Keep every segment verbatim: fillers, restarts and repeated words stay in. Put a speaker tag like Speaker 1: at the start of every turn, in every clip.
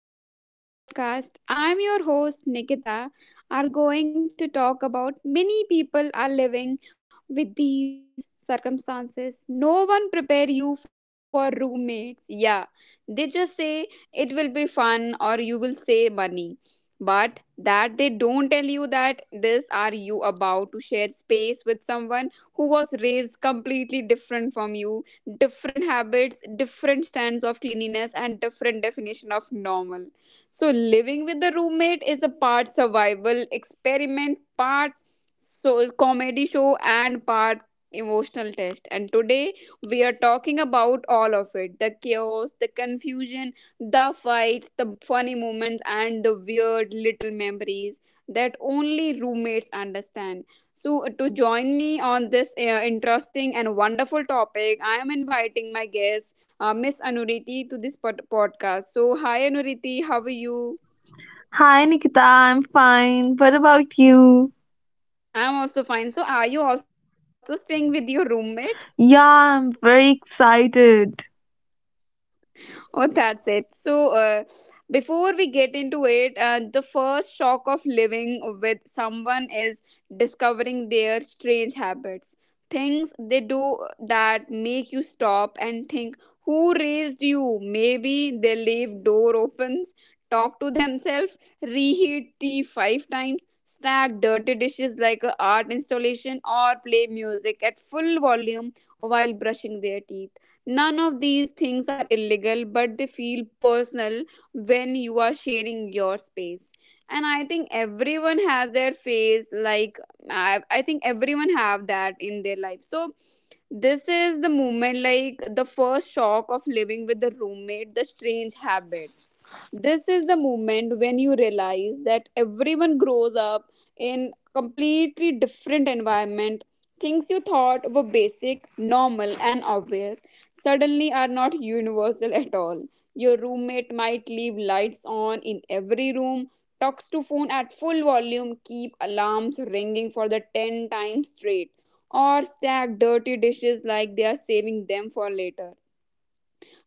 Speaker 1: Hello and welcome back to the podcast. I'm your host Nikita. Are going to talk about many people are living with these circumstances. No one prepare you for roommates. Yeah. They just say it will be fun or you will save money. But that they don't tell you that this are you about to share space with was raised completely different from you, different habits, different stands of cleanliness, and different definition of normal. So living with the roommate is a part survival experiment, part soul comedy show, and part emotional test. And today we are talking about all of it: the chaos, the confusion, the fights, the funny moments, and the weird little memories that only roommates understand. So, to join me on this uh, interesting and wonderful topic, I am inviting my guest, uh, Miss Anuriti, to this pod- podcast. So, hi Anuriti, how are you?
Speaker 2: Hi Nikita, I'm fine. What about you?
Speaker 1: I'm also fine. So, are you also staying with your roommate?
Speaker 2: Yeah, I'm very excited.
Speaker 1: Oh, that's it. So, uh, before we get into it, uh, the first shock of living with someone is discovering their strange habits. Things they do that make you stop and think, who raised you? Maybe they leave door opens, talk to themselves, reheat tea five times, stack dirty dishes like a art installation, or play music at full volume while brushing their teeth. None of these things are illegal, but they feel personal when you are sharing your space. And I think everyone has their phase. Like I, I think everyone have that in their life. So this is the moment, like the first shock of living with the roommate, the strange habit. This is the moment when you realize that everyone grows up in completely different environment. Things you thought were basic normal and obvious suddenly are not universal at all. Your roommate might leave lights on in every room, talks to phone at full volume, keep alarms ringing for the ten times straight, or stack dirty dishes like they are saving them for later.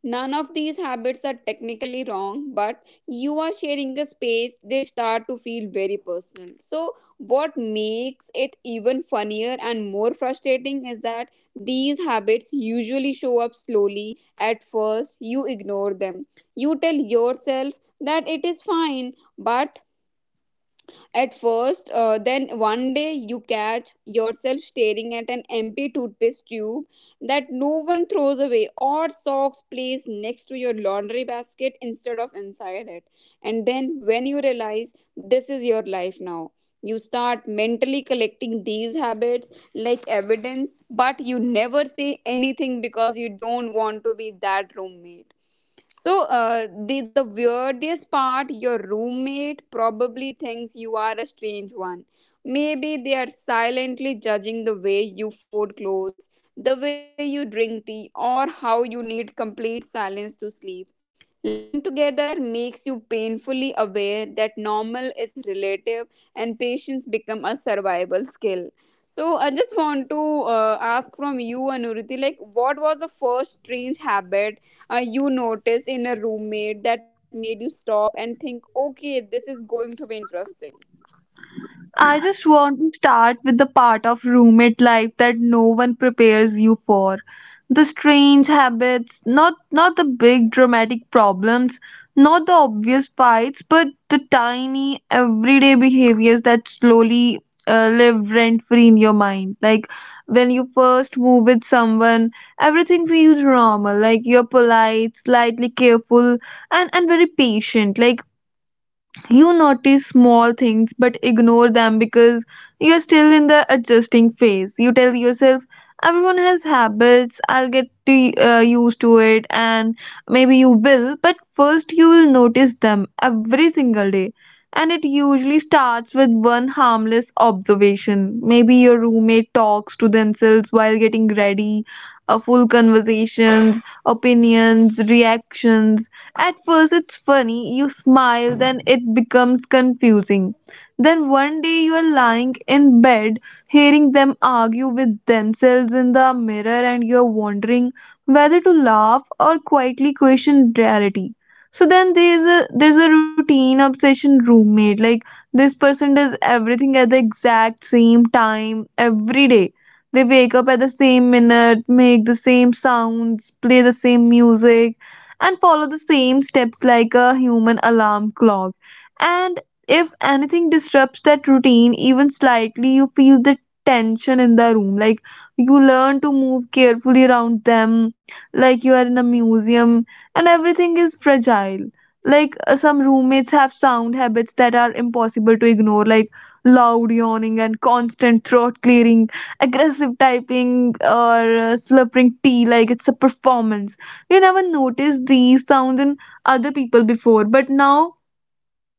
Speaker 1: None of these habits are technically wrong, but you are sharing a space, they start to feel very personal. So, what makes it even funnier and more frustrating is that these habits usually show up slowly. At first, you ignore them. You tell yourself that it is fine, but at first. Uh, then one day you catch yourself staring at an empty toothpaste tube that no one throws away, or socks placed next to your laundry basket instead of inside it. And then when you realize this is your life now, you start mentally collecting these habits like evidence, but you never say anything because you don't want to be that roommate. So uh, the the weirdest part, your roommate probably thinks you are a strange one. Maybe they are silently judging the way you fold clothes, the way you drink tea, or how you need complete silence to sleep. Living together makes you painfully aware that normal is relative and patience become a survival skill. So I just want to uh, ask from you, Anuriti, like what was the first strange habit uh, you noticed in a roommate that made you stop and think, okay, this is going to be interesting?
Speaker 2: I just want to start with the part of roommate life that no one prepares you for. The strange habits, not not the big dramatic problems, not the obvious fights, but the tiny everyday behaviors that slowly uh, live rent free in your mind. Like when you first move with someone, everything feels normal. Like you're polite, slightly careful, and and very patient. Like you notice small things but ignore them because you're still in the adjusting phase. You tell yourself, everyone has habits, I'll get to, uh, used to it, and maybe you will, but first you will notice them every single day. And it usually starts with one harmless observation. Maybe your roommate talks to themselves while getting ready, a full conversations, opinions, reactions at first, it's funny, you smile, then it becomes confusing. Then one day, you are lying in bed, hearing them argue with themselves in the mirror, and you're wondering whether to laugh or quietly question reality. So then there's a there's a routine obsession roommate like this person does everything at the exact same time every day. They wake up at the same minute, make the same sounds, play the same music, and follow the same steps like a human alarm clock. And if anything disrupts that routine even slightly, you feel the tension in the room. Like you learn to move carefully around them, like you are in a museum, and everything is fragile. Like uh, some roommates have sound habits that are impossible to ignore, like loud yawning and constant throat clearing, aggressive typing, or uh, slurping tea like it's a performance. You never noticed these sounds in other people before, but now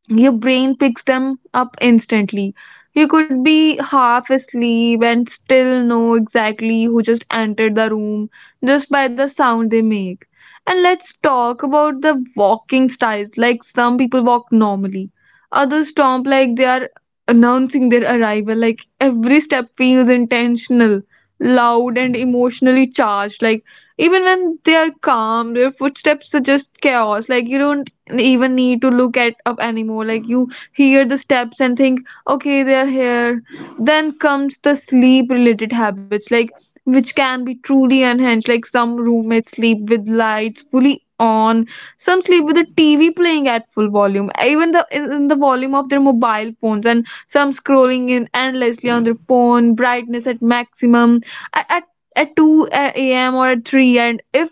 Speaker 2: your brain picks them up instantly. You could be half asleep and still know exactly who just entered the room just by the sound they make. And let's talk about the walking styles. Like some people walk normally, others stomp like they are announcing their arrival. Like every step feels intentional, loud, and emotionally charged. Like even when they are calm, their footsteps suggest chaos. Like you don't even need to look at up anymore, like you hear the steps and think, okay, they are here. Then comes the sleep related habits, like, which can be truly unhinged, like some roommates sleep with lights fully on, some sleep with the TV playing at full volume, even the in in the volume of their mobile phones, and some scrolling in endlessly on their phone brightness at maximum at at, at two a.m. or at three, and if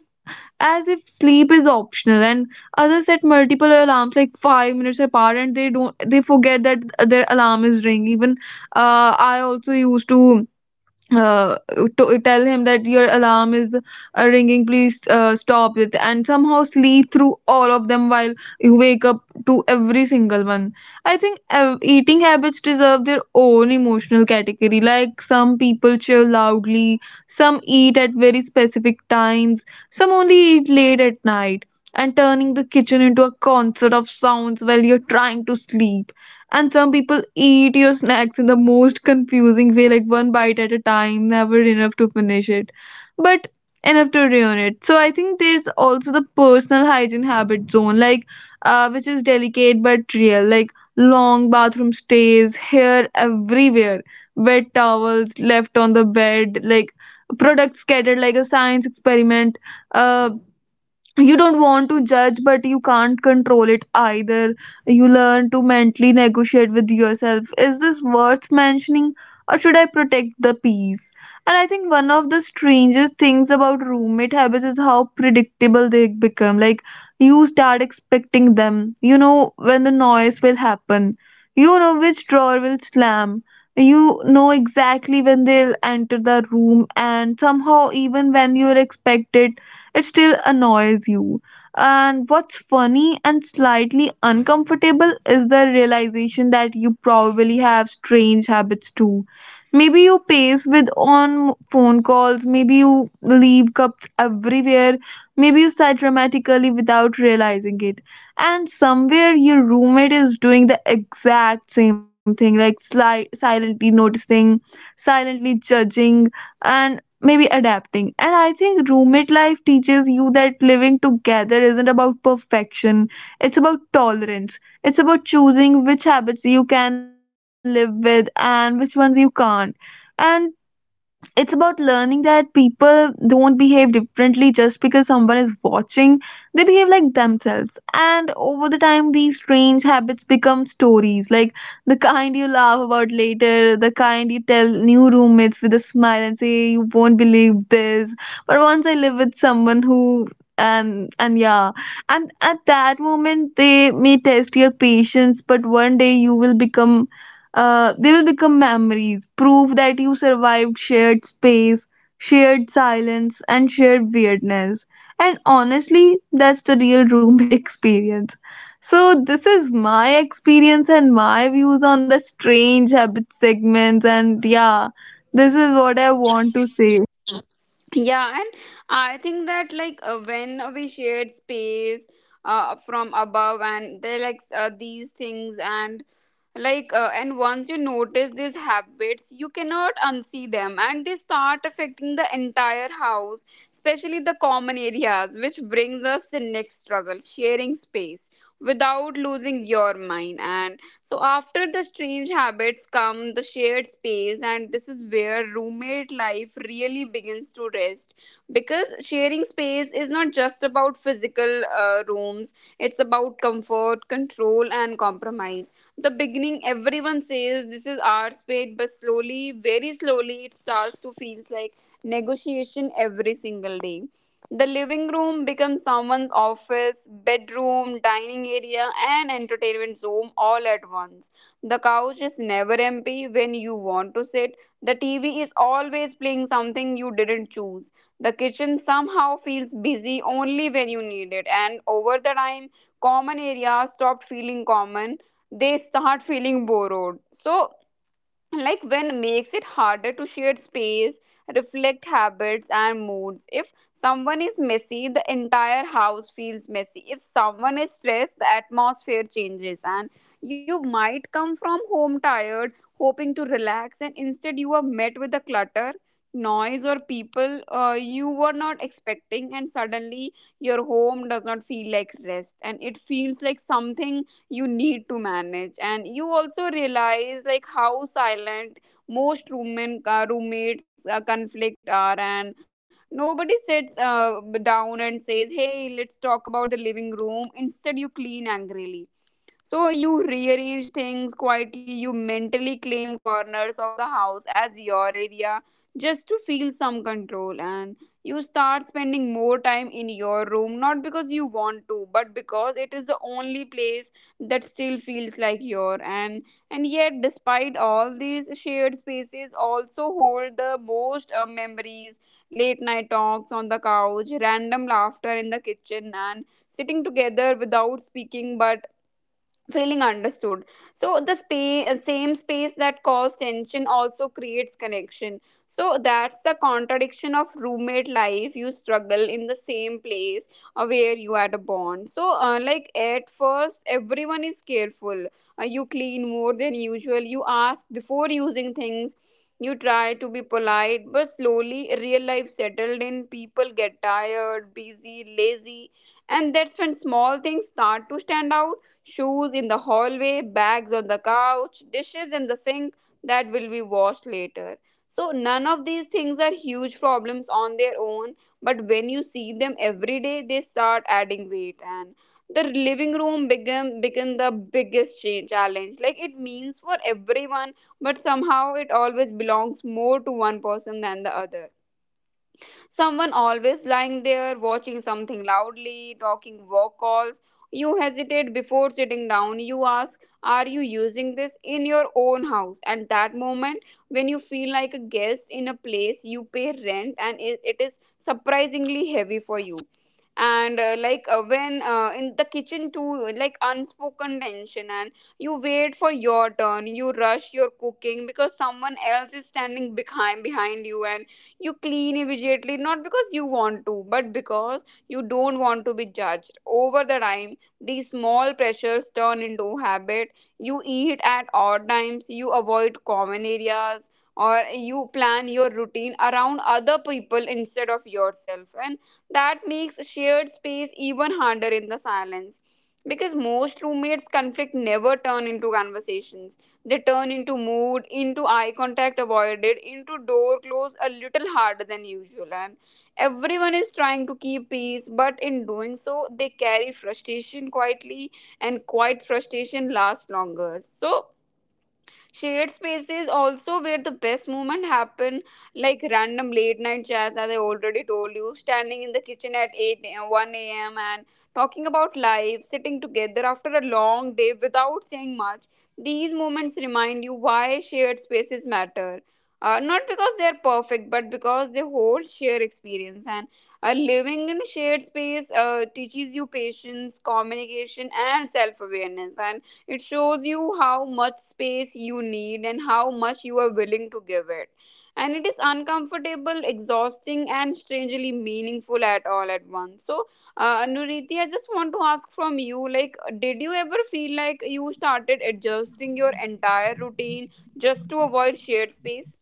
Speaker 2: as if sleep is optional. And others set multiple alarms, like five minutes apart, and they don't they forget that their alarm is ringing even. uh, I also used to uh, to tell him that your alarm is uh, ringing, please uh, stop it, and somehow sleep through all of them, while you wake up to every single one. I think uh, eating habits deserve their own emotional category. Like some people cheer loudly, some eat at very specific times, some only eat late at night, and turning the kitchen into a concert of sounds while you're trying to sleep. And some people eat your snacks in the most confusing way, like one bite at a time, never enough to finish it, but enough to ruin it. So I think there's also the personal hygiene habit zone, like, uh, which is delicate but real, like long bathroom stays, hair everywhere, wet towels left on the bed, like products scattered like a science experiment. uh, you don't want to judge, but you can't control it either. You learn to mentally negotiate with yourself, is this worth mentioning or should I protect the peace? And I think one of the strangest things about roommate habits is how predictable they become. Like you start expecting them, you know when the noise will happen, you know which drawer will slam, you know exactly when they'll enter the room, and somehow even when you'll expect it, it still annoys you. And what's funny and slightly uncomfortable is the realization that you probably have strange habits too. Maybe you pace with on phone calls, maybe you leave cups everywhere, maybe you sigh dramatically without realizing it. And somewhere your roommate is doing the exact same thing, like sli- silently noticing, silently judging, and maybe adapting. And I think roommate life teaches you that living together isn't about perfection, it's about tolerance. It's about choosing which habits you can live with and which ones you can't. And it's about learning that people don't behave differently just because someone is watching, they behave like themselves. And over the time, these strange habits become stories, like the kind you laugh about later, the kind you tell new roommates with a smile and say, you won't believe this, but once I live with someone who, and and yeah, and at that moment they may test your patience, but one day you will become uh, they will become memories, proof that you survived shared space, shared silence, and shared weirdness. And honestly, that's the real roommate experience. So, this is my experience and my views on the strange habit segments, and yeah, this is what I want to say.
Speaker 1: Yeah, and I think that like uh, when we shared space uh, from above and they like uh, these things, and like uh, and once you notice these habits you cannot unsee them, and they start affecting the entire house, especially the common areas, which brings us the next struggle: sharing space without losing your mind. So after the strange habits come the shared space, and this is where roommate life really begins to rest. Because sharing space is not just about physical uh, rooms, it's about comfort, control, and compromise. The beginning, everyone says this is our space, but slowly, very slowly, it starts to feels like negotiation every single day. The living room becomes someone's office, bedroom, dining area, and entertainment room all at once. The couch is never empty when you want to sit. The T V is always playing something you didn't choose. The kitchen somehow feels busy only when you need it. And over the time, common areas stopped feeling common. They start feeling borrowed. So, like when makes it harder to share space reflect habits and moods. If someone is messy the entire house feels messy, if someone is stressed the atmosphere changes, and you might come from home tired, hoping to relax, and instead you are met with the clutter, noise, or people uh, you were not expecting, and suddenly your home does not feel like rest, and it feels like something you need to manage. And you also realize like how silent most roommen, uh, roommates uh, conflict are, and nobody sits uh, down and says hey let's talk about the living room, instead you angrily, so you rearrange things quietly, you mentally claim corners of the house as your area just to feel some control. And you start spending more time in your room, not because you want to, but because it is the only place that still feels like your. and and yet despite all these, shared spaces also hold the most uh, memories: late night talks on the couch, random laughter in the kitchen, and sitting together without speaking but feeling understood. So the spa- same space that caused tension also creates connection. So that's the contradiction of roommate life: you struggle in the same place uh, where you had a bond. So uh, like at first everyone is careful. Uh, you clean more than usual, you ask before using things, you try to be polite, but slowly real life settled in, people get tired, busy, lazy. And that's when small things start to stand out: shoes in the hallway, bags on the couch, dishes in the sink that will be washed later. So, none of these things are huge problems on their own, but when you see them every day, they start adding weight. And the living room become become the biggest cha- challenge, like it means for everyone, but somehow it always belongs more to one person than the other. Someone always lying there, watching something loudly, talking work calls. You hesitate before sitting down. You ask, are you using this in your own house? And that moment, when you feel like a guest in a place you pay rent, and it, it is surprisingly heavy for you. And uh, like uh, when uh, in the kitchen too, like unspoken tension. And you wait for your turn, you rush your cooking because someone else is standing behind behind you. And you clean immediately, not because you want to, but because you don't want to be judged. Over the time, these small pressures turn into habit. You eat at odd times, you avoid common areas, or you plan your routine around other people instead of yourself. And that makes shared space even harder in the silence, because most roommates conflict never turn into conversations, they turn into mood, into eye contact avoided, into door closed a little harder than usual. And everyone is trying to keep peace, but in doing so, they carry frustration quietly, and quiet frustration lasts longer. So, shared spaces also where the best moment happen, like random late night chats, as I already told you, standing in the kitchen at eight a m, one a m, and talking about life, sitting together after a long day without saying much. These moments remind you why shared spaces matter. Uh, not because they are perfect, but because they hold shared experience. And uh, living in a shared space uh, teaches you patience, communication, and self awareness. It shows you how much space you need and how much you are willing to give it. And it is uncomfortable, exhausting, and strangely meaningful at all at once. So, uh, Nuriti, I just want to ask from you, like, did you ever feel like you started adjusting your entire routine just to avoid shared space?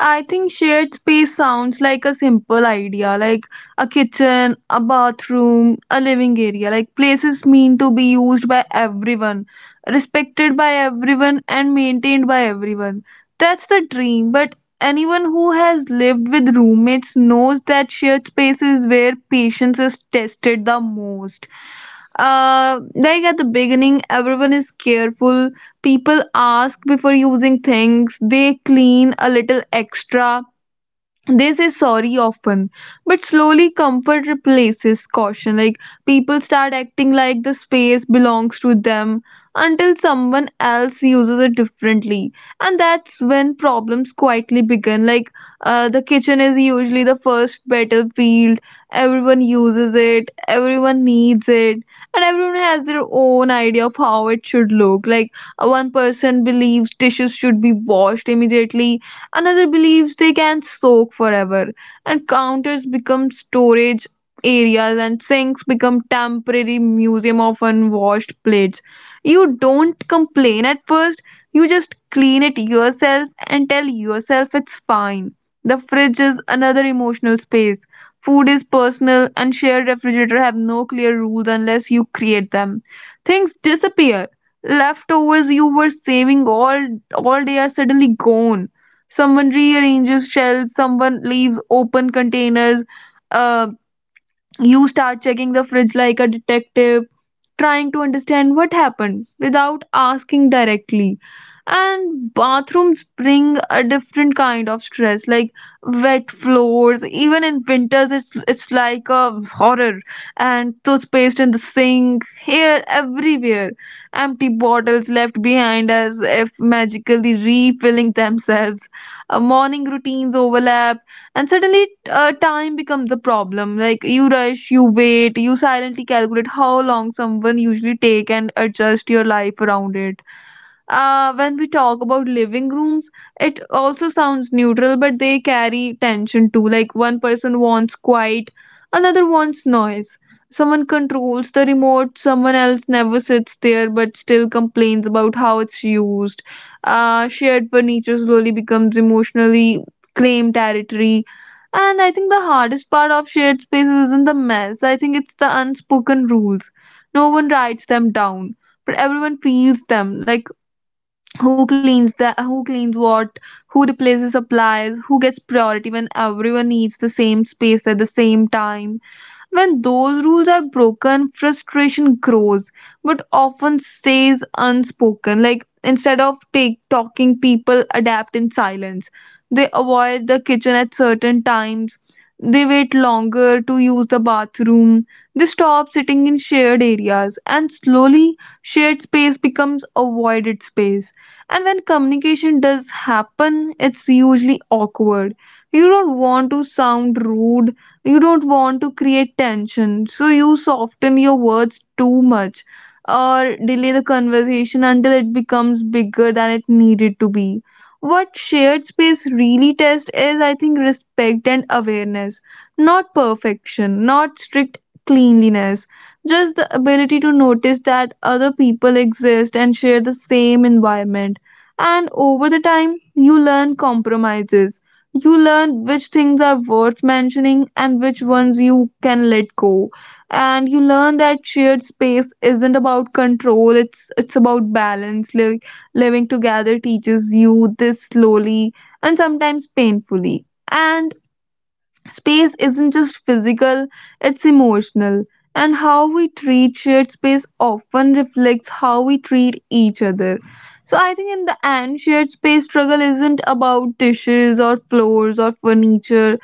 Speaker 2: I think shared space sounds like a simple idea, like a kitchen, a bathroom, a living area. Like places mean to be used by everyone, respected by everyone, and maintained by everyone. That's the dream, but anyone who has lived with roommates knows that shared space is where patience is tested the most. Uh, like at the beginning, everyone is careful. People ask before using things. They clean a little extra. This is sorry often, but slowly comfort replaces caution. Like people start acting like the space belongs to them until someone else uses it differently, and that's when problems quietly begin. Like uh, the kitchen is usually the first battlefield. Everyone uses it, everyone needs it, and everyone has their own idea of how it should look. Like uh, one person believes dishes should be washed immediately. Another believes they can soak forever, and counters become storage areas, and sinks become temporary museum of unwashed plates. You don't complain at first, you just clean it yourself and tell yourself it's fine. The fridge is another emotional space. Food is personal, and shared refrigerator have no clear rules unless you create them. Things disappear, leftovers you were saving all all day are suddenly gone, someone rearranges shelves, someone leaves open containers. uh you start checking the fridge like a detective, trying to understand what happened without asking directly. And bathrooms bring a different kind of stress, like wet floors. Even in winters, it's, it's like a horror. And toothpaste in the sink, here, everywhere. Empty bottles left behind as if magically refilling themselves. Uh, morning routines overlap, and suddenly uh, time becomes a problem. Like you rush, you wait, you silently calculate how long someone usually take and adjust your life around it. Uh, when we talk about living rooms, it also sounds neutral, but they carry tension too. Like one person wants quiet, another wants noise. Someone controls the remote, someone else never sits there but still complains about how it's used. Uh, shared furniture slowly becomes emotionally claimed territory. And I think the hardest part of shared spaces isn't the mess, I think it's the unspoken rules. No one writes them down, but everyone feels them. Like who cleans the who cleans what, who replaces supplies, who gets priority when everyone needs the same space at the same time. When those rules are broken, frustration grows, but often stays unspoken. Like instead of take talking, people adapt in silence. They avoid the kitchen at certain times. They wait longer to use the bathroom. They stop sitting in shared areas, and slowly, shared space becomes avoided space. And when communication does happen, it's usually awkward. You don't want to sound rude, you don't want to create tension, so you soften your words too much or delay the conversation until it becomes bigger than it needed to be. What shared space really tests is, I think, respect and awareness, not perfection, not strict cleanliness, just the ability to notice that other people exist and share the same environment. And over the time, you learn compromises, you learn which things are worth mentioning and which ones you can let go. And you learn that shared space isn't about control, it's it's about balance. Liv- living together teaches you this slowly and sometimes painfully. And space isn't just physical, it's emotional, and how we treat shared space often reflects how we treat each other. So, I think in the end, shared space struggle isn't about dishes or floors or furniture.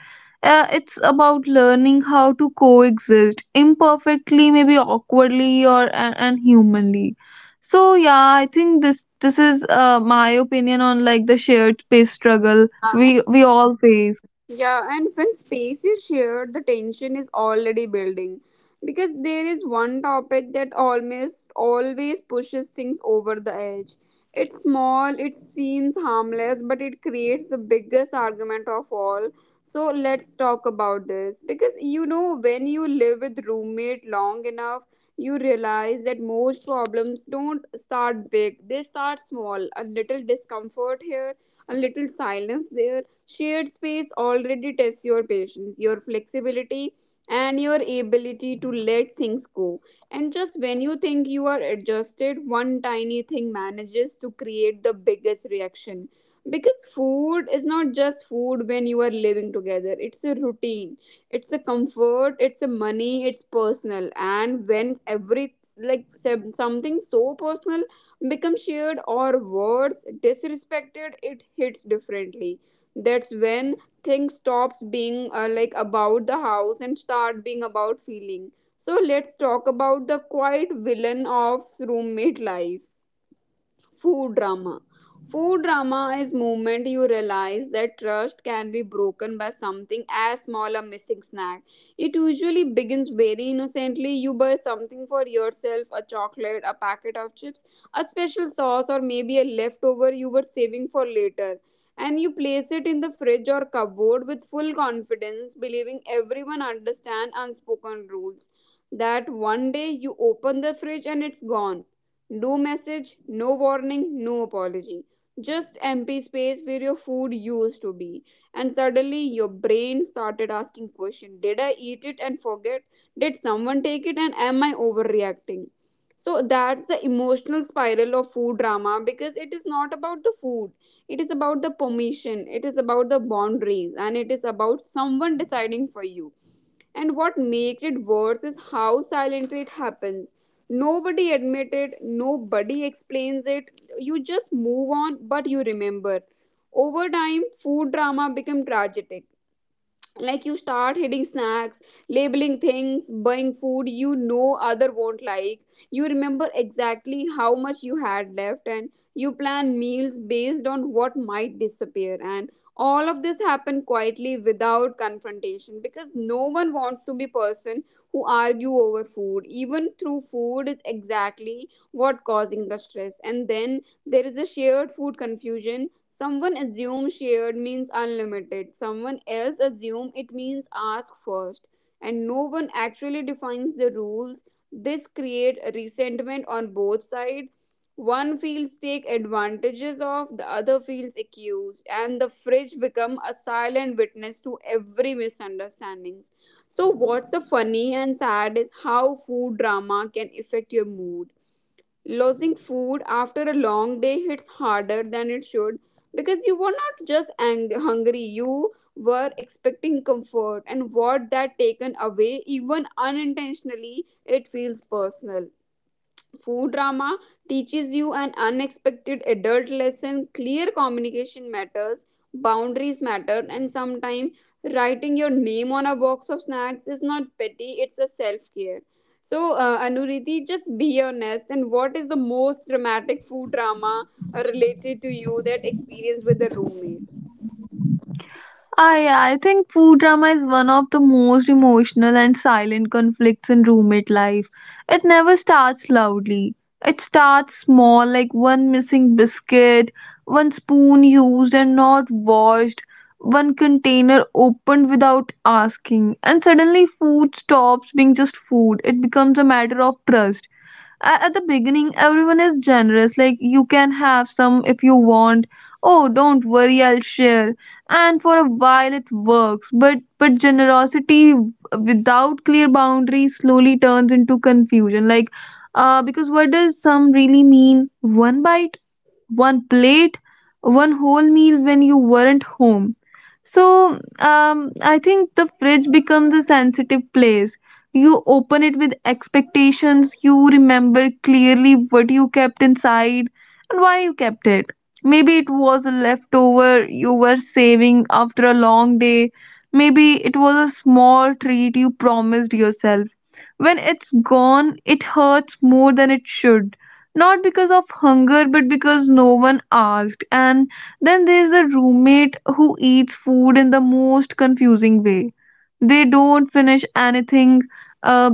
Speaker 2: Uh, it's about learning how to coexist imperfectly, maybe awkwardly, or and, and humanly. So yeah, I think this this is uh, my opinion on like the shared space struggle we we all face.
Speaker 1: Yeah, and when space is shared, the tension is already building because there is one topic that almost always pushes things over the edge. It's small, it seems harmless, but it creates the biggest argument of all. So let's talk about this because you know, when you live with roommate long enough, you realize that most problems don't start big, they start small. A little discomfort here, a little silence there. Shared space already tests your patience, your flexibility, and your ability to let things go. And just when you think you are adjusted, one tiny thing manages to create the biggest reaction. Because food is not just food when you are living together, it's a routine, it's a comfort, it's a money, it's personal. And when every like sem- something so personal becomes shared or words disrespected, it hits differently. That's when things stops being uh, like about the house and start being about feeling. So let's talk about the quiet villain of roommate life: food drama. Food drama is moment you realize that trust can be broken by something as small a missing snack. It usually begins very innocently. You buy something for yourself, a chocolate, a packet of chips, a special sauce, or maybe a leftover you were saving for later. And you place it in the fridge or cupboard with full confidence, believing everyone understands unspoken rules. That one day you open the fridge and it's gone, no message, no warning, no apology. Just empty space where your food used to be. And suddenly your brain started asking questions: did I eat it and forget? Did someone take it, and am I overreacting? So that's the emotional spiral of food drama, because it is not about the food. It is about the permission, it is about the boundaries, and it is about someone deciding for you. And what makes it worse is how silently it happens. Nobody admits it, nobody explains it. You just move on, but you remember. Over time, food drama become tragic, like you start hitting snacks, labeling things, buying food you know other won't like, you remember exactly how much you had left, and you plan meals based on what might disappear. And all of this happened quietly without confrontation, because no one wants to be person who argue over food even through food is exactly what causing the stress. And then there is a shared food confusion. Someone assume shared means unlimited. Someone else assume it means ask first. And no one actually defines the rules. This create resentment on both sides. One feels take advantages of, the other feels accused, and the fridge become a silent witness to every misunderstandings. So what's the funny and sad is how food drama can affect your mood. Losing food after a long day hits harder than it should, because you were not just ang- hungry, you were expecting comfort, and what that taken away, even unintentionally, it feels personal. Food drama teaches you an unexpected adult lesson: clear communication matters, boundaries matter, and sometimes writing your name on a box of snacks is not petty, it's a self care. So, uh, Anuriti, just be honest. And what is the most dramatic food drama uh, related to you that experience with the roommate?
Speaker 2: I I think food drama is one of the most emotional and silent conflicts in roommate life. It never starts loudly. It starts small, like one missing biscuit, one spoon used and not washed, one container opened without asking, and suddenly food stops being just food. It becomes a matter of trust. A- at the beginning, everyone is generous, like, you can have some if you want. Oh, don't worry, I'll share. And for a while it works, but but generosity without clear boundaries slowly turns into confusion. Like, uh because what does some really mean? One bite, one plate, one whole meal when you weren't home. So um, I think the fridge becomes a sensitive place. You open it with expectations, you remember clearly what you kept inside and why you kept it. Maybe it was a leftover you were saving after a long day. Maybe it was a small treat you promised yourself. When it's gone, it hurts more than it should, not because of hunger but because no one asked. And then there's a roommate who eats food in the most confusing way. They don't finish anything. uh,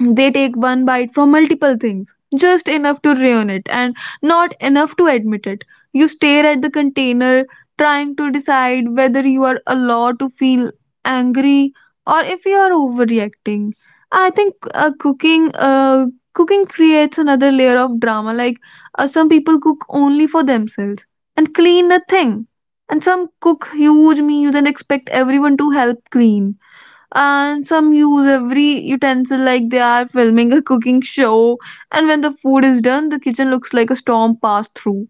Speaker 2: they take one bite from multiple things, just enough to ruin it and not enough to admit it. You stare at the container, trying to decide whether you are allowed to feel angry or if you are overreacting. I think uh, cooking, uh, cooking creates another layer of drama. Like, uh, some people cook only for themselves and clean nothing, and some cook huge meals and expect everyone to help clean, and some use every utensil like they are filming a cooking show, and when the food is done, the kitchen looks like a storm passed through.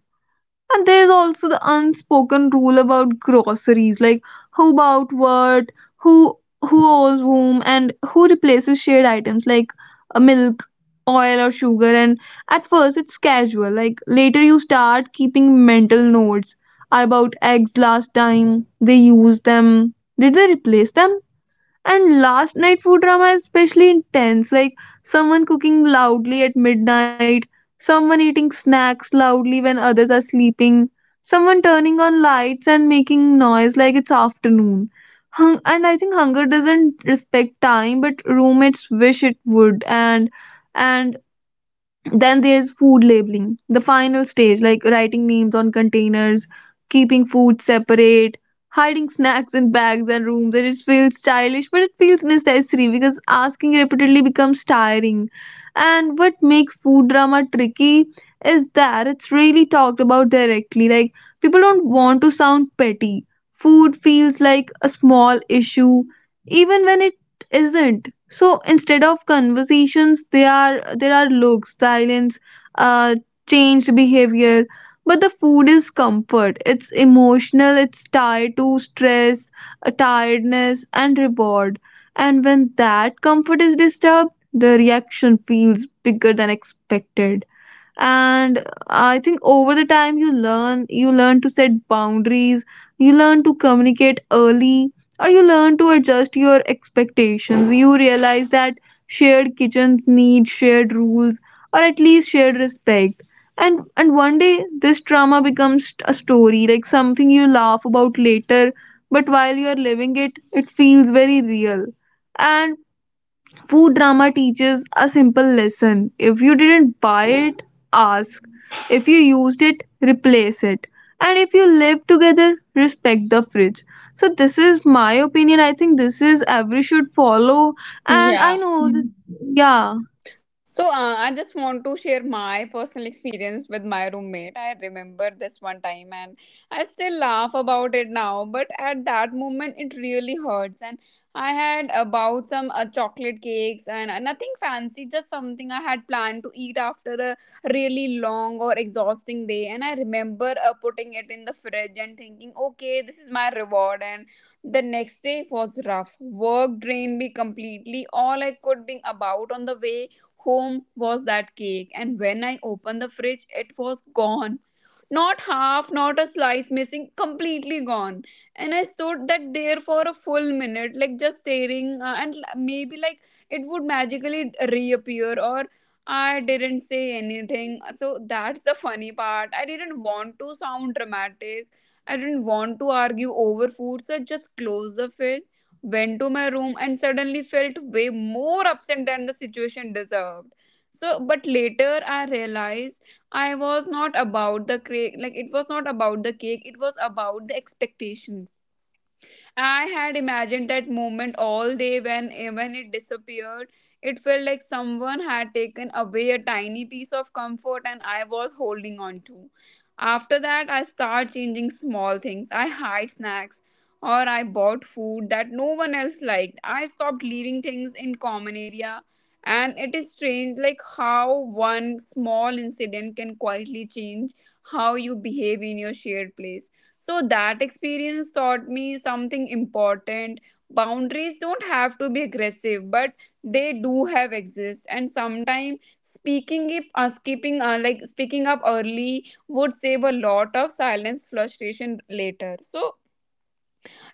Speaker 2: And there is also the unspoken rule about groceries, like who bought what, who who owes whom, and who replaces shared items, like uh, milk, oil, or sugar. And at first it's casual, like later you start keeping mental notes. I bought eggs last time, they used them, did they replace them? And last night food drama is especially intense, like someone cooking loudly at midnight, someone eating snacks loudly when others are sleeping, someone turning on lights and making noise like it's afternoon. Hung- and I think hunger doesn't respect time, but roommates wish it would. And and then there's food labeling, the final stage, like writing names on containers, keeping food separate, hiding snacks in bags and rooms. And it feels stylish, but it feels necessary because asking repeatedly becomes tiring. And what makes food drama tricky is that it's really talked about directly. Like, people don't want to sound petty. Food feels like a small issue, even when it isn't. So instead of conversations, they are there are looks, silence, uh changed behavior. But the food is comfort, it's emotional, it's tied to stress, uh, tiredness, and reward. And when that comfort is disturbed, the reaction feels bigger than expected. And I think over the time, you learn you learn to set boundaries, you learn to communicate early, or you learn to adjust your expectations. You realize that shared kitchens need shared rules, or at least shared respect. And and one day this trauma becomes a story, like something you laugh about later, but while you are living it, it feels very real. And food drama teaches a simple lesson. If you didn't buy it, ask. If you used it, replace it. And if you live together, respect the fridge. So, this is my opinion. I think this is every should follow. And I
Speaker 1: Yeah.
Speaker 2: know this, yeah.
Speaker 1: So uh, I just want to share my personal experience with my roommate. Remember this one time, and I still laugh about it now, but at that moment it really hurts. And I had uh, bought some uh, chocolate cakes, and uh, nothing fancy, just something I had planned to eat after a really long or exhausting day. And I remember uh, putting it in the fridge and thinking, okay, this is my reward. And the next day was rough. Work drained me completely. All I could be about on the way home was that cake, and when I opened the fridge it was gone, not half, not a slice missing, completely gone. And I stood that there for a full minute, like just staring, uh, and l- maybe like it would magically reappear, or I didn't say anything. So that's the funny part. I didn't want to sound dramatic, I didn't want to argue over food, so I just closed the fridge, went to my room, and suddenly felt way more upset than the situation deserved. So, but later I realized. I was not about the cake, like it was not about the cake, it was about the expectation. I had imagined that moment all day when eh, when it disappeared. It felt like someone had taken away a tiny piece of comfort and I was holding on to. After that, I start changing small things. I hide snacks, or I bought food that no one else liked. I stopped leaving things in common area, and it is strange like how one small incident can quietly change how you behave in your shared place. So that experience taught me something important. Boundaries don't have to be aggressive, but they do have exist. And sometimes speaking up, uh, skipping, uh, like speaking up early would save a lot of silence frustration later. So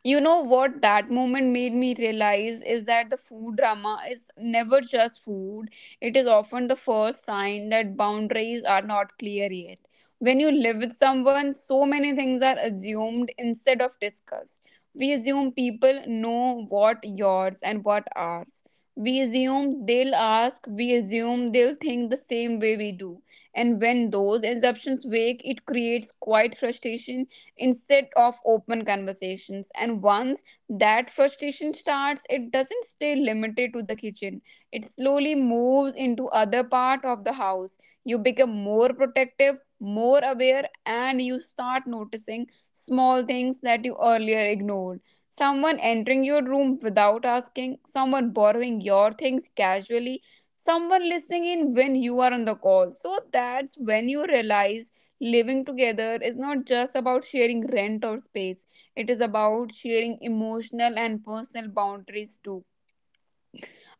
Speaker 1: you know what that moment made me realize is that the food drama is never just food. It is often the first sign that boundaries are not clear yet. When you live with someone, so many things are assumed instead of discussed. We assume people know what yours and what ours. We assume they'll ask, we assume they'll think the same way we do. And when those assumptions wake, it creates quite frustration instead of open conversations. And once that frustration starts, it doesn't stay limited to the kitchen. It slowly moves into other part of the house. You become more protective, more aware, and you start noticing small things that you earlier ignored. Someone entering your room without asking, someone borrowing your things casually, someone listening in when you are on the call. So that's when you realize living together is not just about sharing rent or space, it is about sharing emotional and personal boundaries too,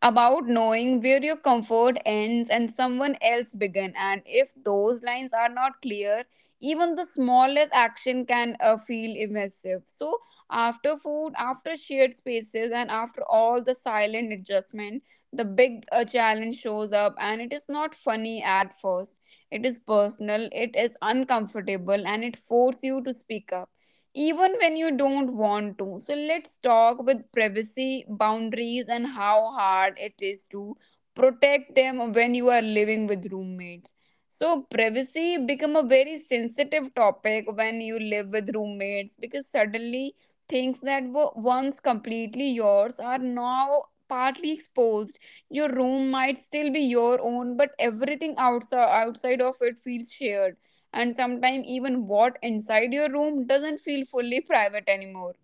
Speaker 1: about knowing where your comfort ends and someone else begin. And if those lines are not clear, even the smallest action can uh, feel invasive. So after food, after shared spaces, and after all the silent adjustment, the big uh, challenge shows up, and it is not funny at first. It is personal, it is uncomfortable, and it forces you to speak up even when you don't want to. So let's talk with privacy boundaries and how hard it is to protect them when you are living with roommates. So privacy become a very sensitive topic when you live with roommates, because suddenly things that were once completely yours are now partly exposed. Your room might still be your own, but everything outside outside of it feels shared, and sometimes even what inside your room doesn't feel fully private anymore.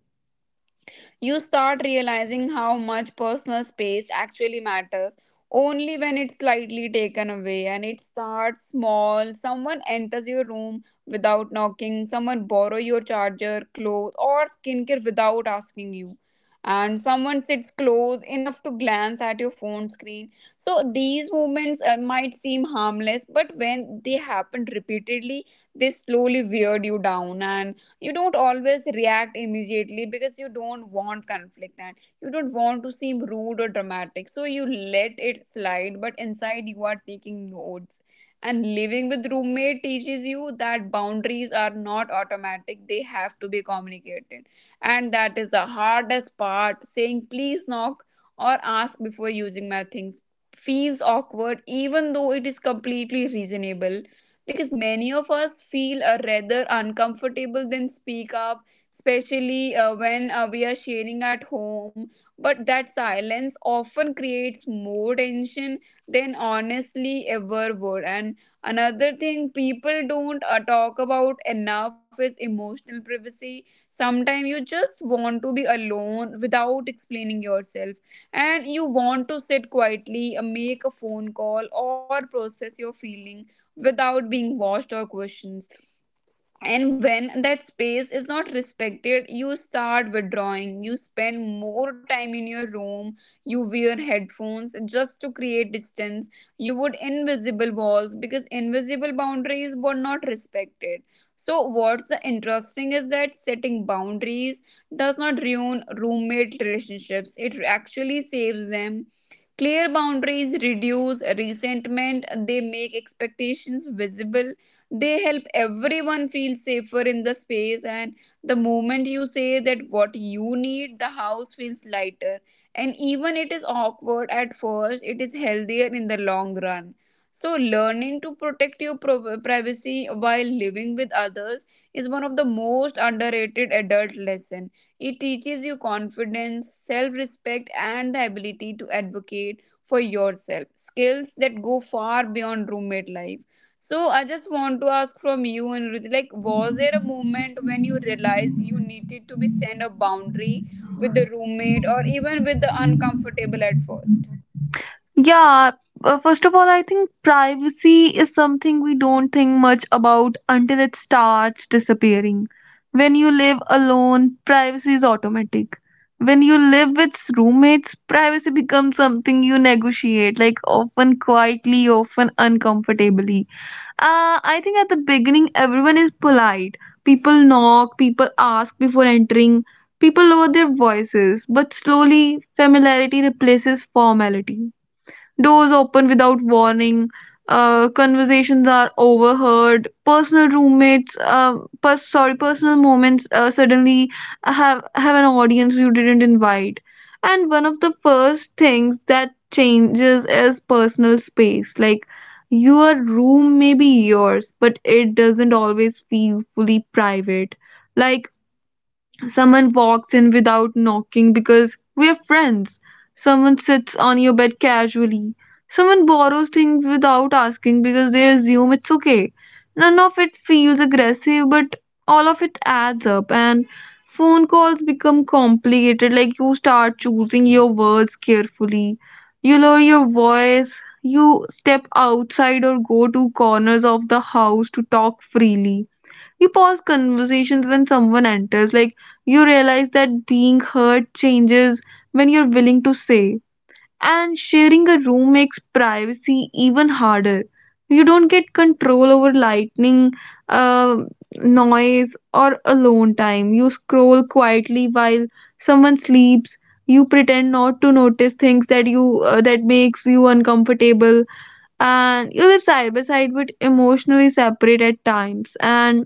Speaker 1: You start realizing how much personal space actually matters only when it's slightly taken away. And it starts small: someone enters your room without knocking, someone borrow your charger, clothes or skincare without asking you, and someone sits close enough to glance at your phone screen. So these movements uh, might seem harmless, but when they happen repeatedly, they slowly weird you down. And you don't always react immediately because you don't want conflict and you don't want to seem rude or dramatic, so you let it slide, but inside you are taking notes. And living with roommate teaches you that boundaries are not automatic, they have to be communicated. And that is the hardest part: saying please knock, or ask before using my things, feels awkward even though it is completely reasonable, because many of us feel uh, rather uncomfortable than speak up, especially uh, when uh, we are sharing at home. But that silence often creates more tension than honestly ever would. And another thing people don't uh, talk about enough is emotional privacy. Sometimes you just want to be alone without explaining yourself, and you want to sit quietly, uh, make a phone call or process your feeling without being watched or questioned. And when that space is not respected, you start withdrawing, you spend more time in your room, you wear headphones just to create distance, you would invisible walls because invisible boundaries were not respected. So what's the interesting is that setting boundaries does not ruin roommate relationships, it actually saves them. Clear boundaries reduce resentment, they make expectations visible, they help everyone feel safer in the space. And the moment you say that what you need, the house feels lighter. And even it is awkward at first, it is healthier in the long run. So learning to protect your pro- privacy while living with others is one of the most underrated adult lesson. It teaches you confidence, self-respect, and the ability to advocate for yourself, skills that go far beyond roommate life. So I just want to ask from you and Ruth, like, was there a moment when you realized you needed to be sent a boundary with the roommate or even with the uncomfortable at first?
Speaker 2: Yeah, uh, first of all, I think privacy is something we don't think much about until it starts disappearing. When you live alone, privacy is automatic. When you live with roommates, privacy becomes something you negotiate, like often quietly, often uncomfortably. Uh, I think at the beginning, everyone is polite. People knock, people ask before entering, people lower their voices, but slowly, familiarity replaces formality. Doors open without warning. Uh, conversations are overheard. Personal roommates, uh, per- sorry, Personal moments uh, suddenly have have an audience you didn't invite. And one of the first things that changes is personal space. Like, your room may be yours, but it doesn't always feel fully private. Like, someone walks in without knocking because we are friends. Someone sits on your bed casually. Someone borrows things without asking because they assume it's okay. None of it feels aggressive, but all of it adds up. And phone calls become complicated, like you start choosing your words carefully. You lower your voice, you step outside or go to corners of the house to talk freely, you pause conversations when someone enters. Like, you realize that being heard changes when you're willing to say. And sharing a room makes privacy even harder. You don't get control over lightning, uh, noise, or alone time. You scroll quietly while someone sleeps. You pretend not to notice things that you uh, that makes you uncomfortable, and you live side by side but emotionally separate at times. And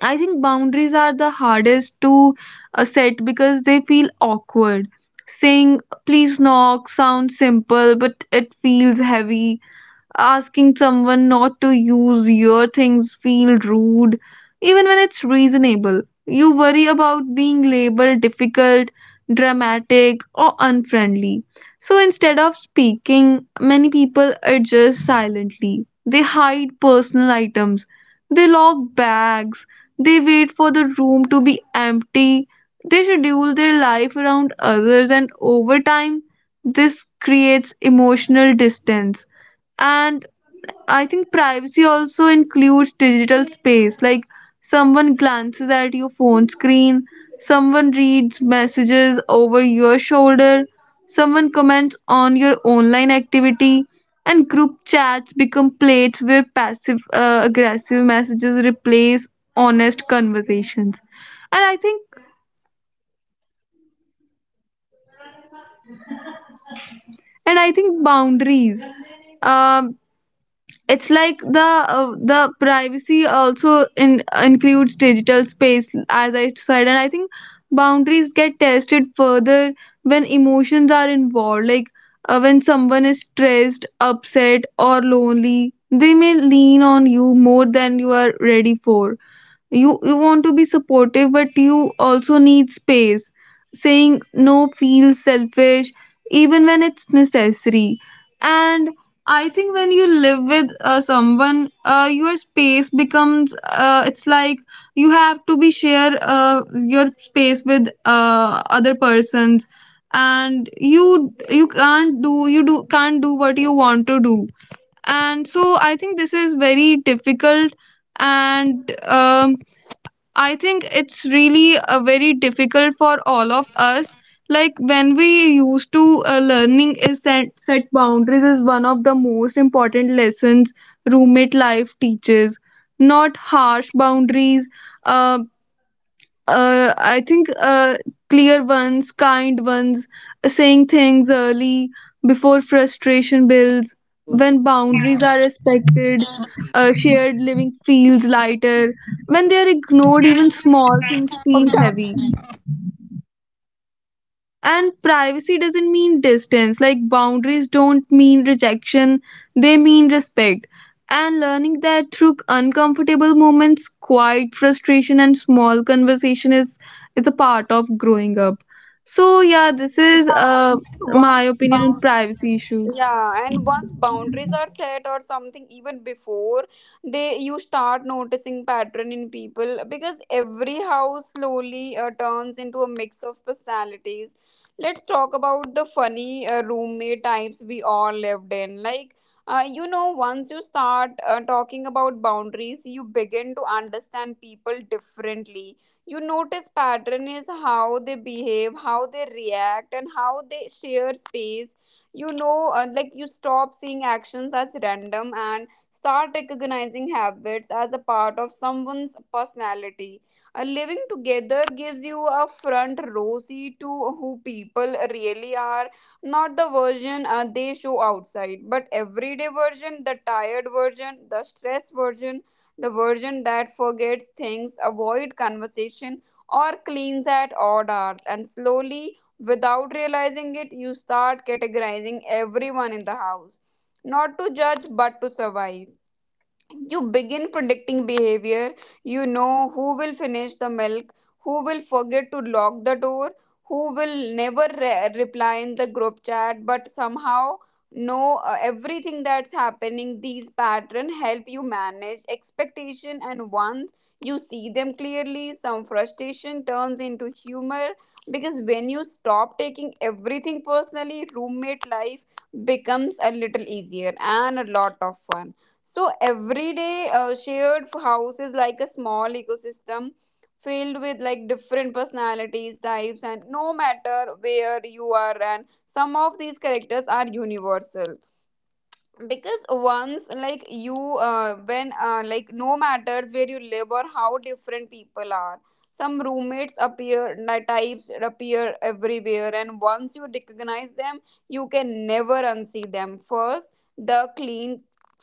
Speaker 2: I think boundaries are the hardest to uh, set because they feel awkward. Saying please knock sounds simple, but it feels heavy. Asking someone not to use your things feel rude, even when it's reasonable. You worry about being labeled difficult, dramatic, or unfriendly. So instead of speaking, many people adjust silently. They hide personal items, they lock bags, they wait for the room to be empty, they schedule their life around others, and over time, this creates emotional distance. And I think privacy also includes digital space, like someone glances at your phone screen, someone reads messages over your shoulder, someone comments on your online activity, and group chats become plates where passive uh, aggressive messages replace honest conversations. And I think and I think boundaries. Um it's like the uh, the privacy also in, includes digital space, as I said. And I think boundaries get tested further when emotions are involved. Like, uh, when someone is stressed, upset, or lonely, they may lean on you more than you are ready for. You you want to be supportive, but you also need space. Saying no feels selfish even when it's necessary. And I think when you live with uh, someone uh, your space becomes uh, it's like you have to be share uh, your space with uh, other persons, and you you can't do you do can't do what you want to do. And so I think this is very difficult. And um, I think it's really uh, very difficult for all of us. Like when we used to uh, learning is set, set boundaries is one of the most important lessons roommate life teaches. Not harsh boundaries, uh, uh, I think uh, clear ones, kind ones, saying things early before frustration builds. When boundaries are respected, uh, shared living feels lighter. When they are ignored, even small things
Speaker 1: Well,
Speaker 2: feel
Speaker 1: the job,
Speaker 2: heavy. And privacy doesn't mean distance. Like, boundaries don't mean rejection, they mean respect. And learning that through uncomfortable moments, quiet frustration, and small conversation is is a part of growing up. So yeah, this is
Speaker 1: yeah, and
Speaker 2: uh
Speaker 1: and
Speaker 2: my
Speaker 1: once
Speaker 2: opinion on
Speaker 1: found.
Speaker 2: privacy issues.
Speaker 1: Yeah, and once boundaries are set or something, even before they, you start noticing pattern in people, because every house slowly uh, turns into a mix of personalities. Let's talk about the funny uh, roommate types we all lived in. Like, uh, you know, once you start uh, talking about boundaries, you begin to understand people differently. You notice pattern is how they behave, how they react, and how they share space. You know uh, like, you stop seeing actions as random and start recognizing habits as a part of someone's personality. Uh, living together gives you a front row seat to who people really are, not the version uh, they show outside, but everyday version, the tired version, the stress version, the version that forgets things, avoid conversation, or cleans at odd hours. And slowly, without realizing it, you start categorizing everyone in the house, not to judge but to survive. You begin predicting behavior. You know who will finish the milk, who will forget to lock the door, who will never re- reply in the group chat but somehow know uh, everything that's happening. These patterns help you manage expectation, and once you see them clearly, some frustration turns into humor, because when you stop taking everything personally, roommate life becomes a little easier and a lot of fun. So, everyday uh, shared house is like a small ecosystem filled with like different personalities, types, and no matter where you are, and some of these characters are universal. Because once like you uh, when uh, like no matters where you live or how different people are, some roommates appear ni- types appear everywhere, and once you recognize them, you can never unsee them. First, the clean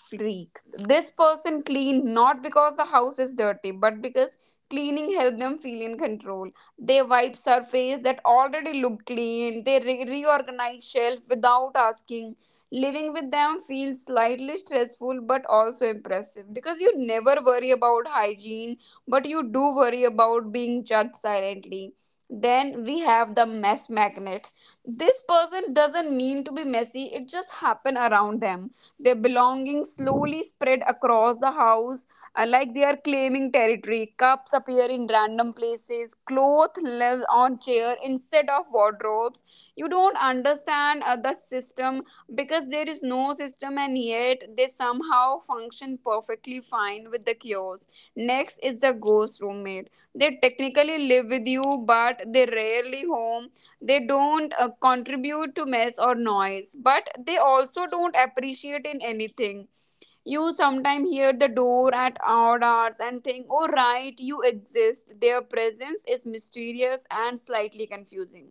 Speaker 1: freak. This person clean not because the house is dirty, but because cleaning helped them feel in control. They wipe surface that already look clean, they re- reorganize shelf without asking. Living with them feels slightly stressful but also impressive, because you never worry about hygiene, but you do worry about being judged silently. Then we have the mess magnet. This person doesn't mean to be messy, it just happened around them. Their belongings slowly spread across the house uh, like they are claiming territory. Cups appear in random places, clothes live on chair instead of wardrobes. You don't understand uh, the system, because there is no system, and yet they somehow function perfectly fine with the chaos. Next is the ghost roommate. They technically live with you, but they rarely home. They don't uh, contribute to mess or noise, but they also don't appreciate in anything. You sometimes hear the door at odd hours and think, oh, right, you exist. Their presence is mysterious and slightly confusing.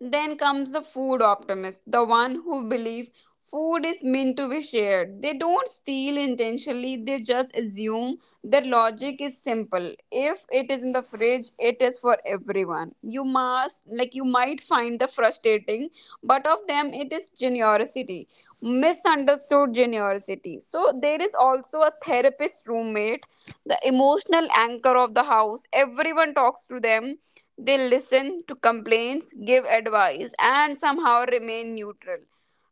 Speaker 1: Then comes the food optimist, the one who believe food is meant to be shared. They don't steal intentionally, they just assume. Their logic is simple. If it is in the fridge, it is for everyone. You must like you might find the frustrating, but of them it is generosity. Misunderstood generosity. So there is also a therapist roommate, the emotional anchor of the house. Everyone talks to them. They listen to complaints, give advice, and somehow remain neutral.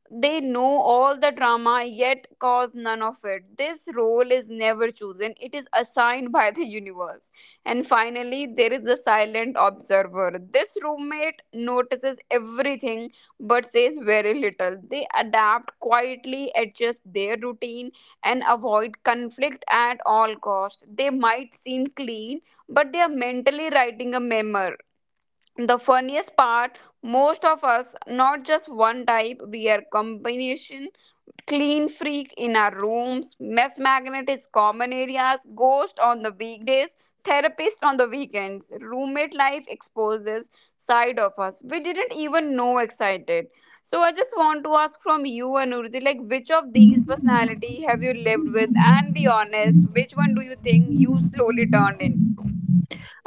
Speaker 1: They know all the drama yet cause none of it. This role is never chosen, it is assigned by the universe. And finally, there is the silent observer. This roommate notices everything but says very little. They adapt quietly, adjust their routine, and avoid conflict at all cost. They might seem clean, but they are mentally writing a memoir. The funniest part, most of us not just one type, we are combination. Clean freak in our rooms, mess magnet is common areas, ghost on the weekdays, therapist on the weekends. Roommate life exposes side of us we didn't even know excited. So I just want to ask from you, Anurji, like, which of these personality have you lived with, and be honest, which one do you think you slowly turned into?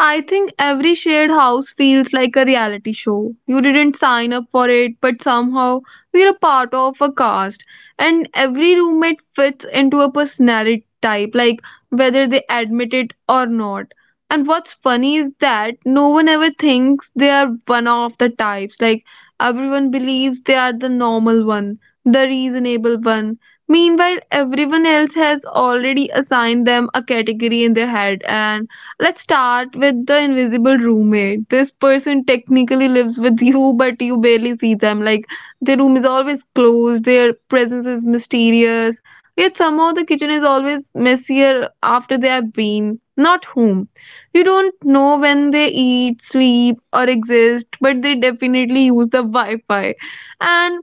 Speaker 2: I think every shared house feels like a reality show. You didn't sign up for it, but somehow we're a part of a cast. And every roommate fits into a personality type, like whether they admit it or not. And what's funny is that no one ever thinks they are one of the types. Like, everyone believes they are the normal one, the reasonable one. Meanwhile, everyone else has already assigned them a category in their head. And let's start with the invisible roommate. This person technically lives with you, but you barely see them. Like, their room is always closed, their presence is mysterious, yet somehow the kitchen is always messier after they have been. Not home. You don't know when they eat, sleep, or exist, but they definitely use the Wi Fi. And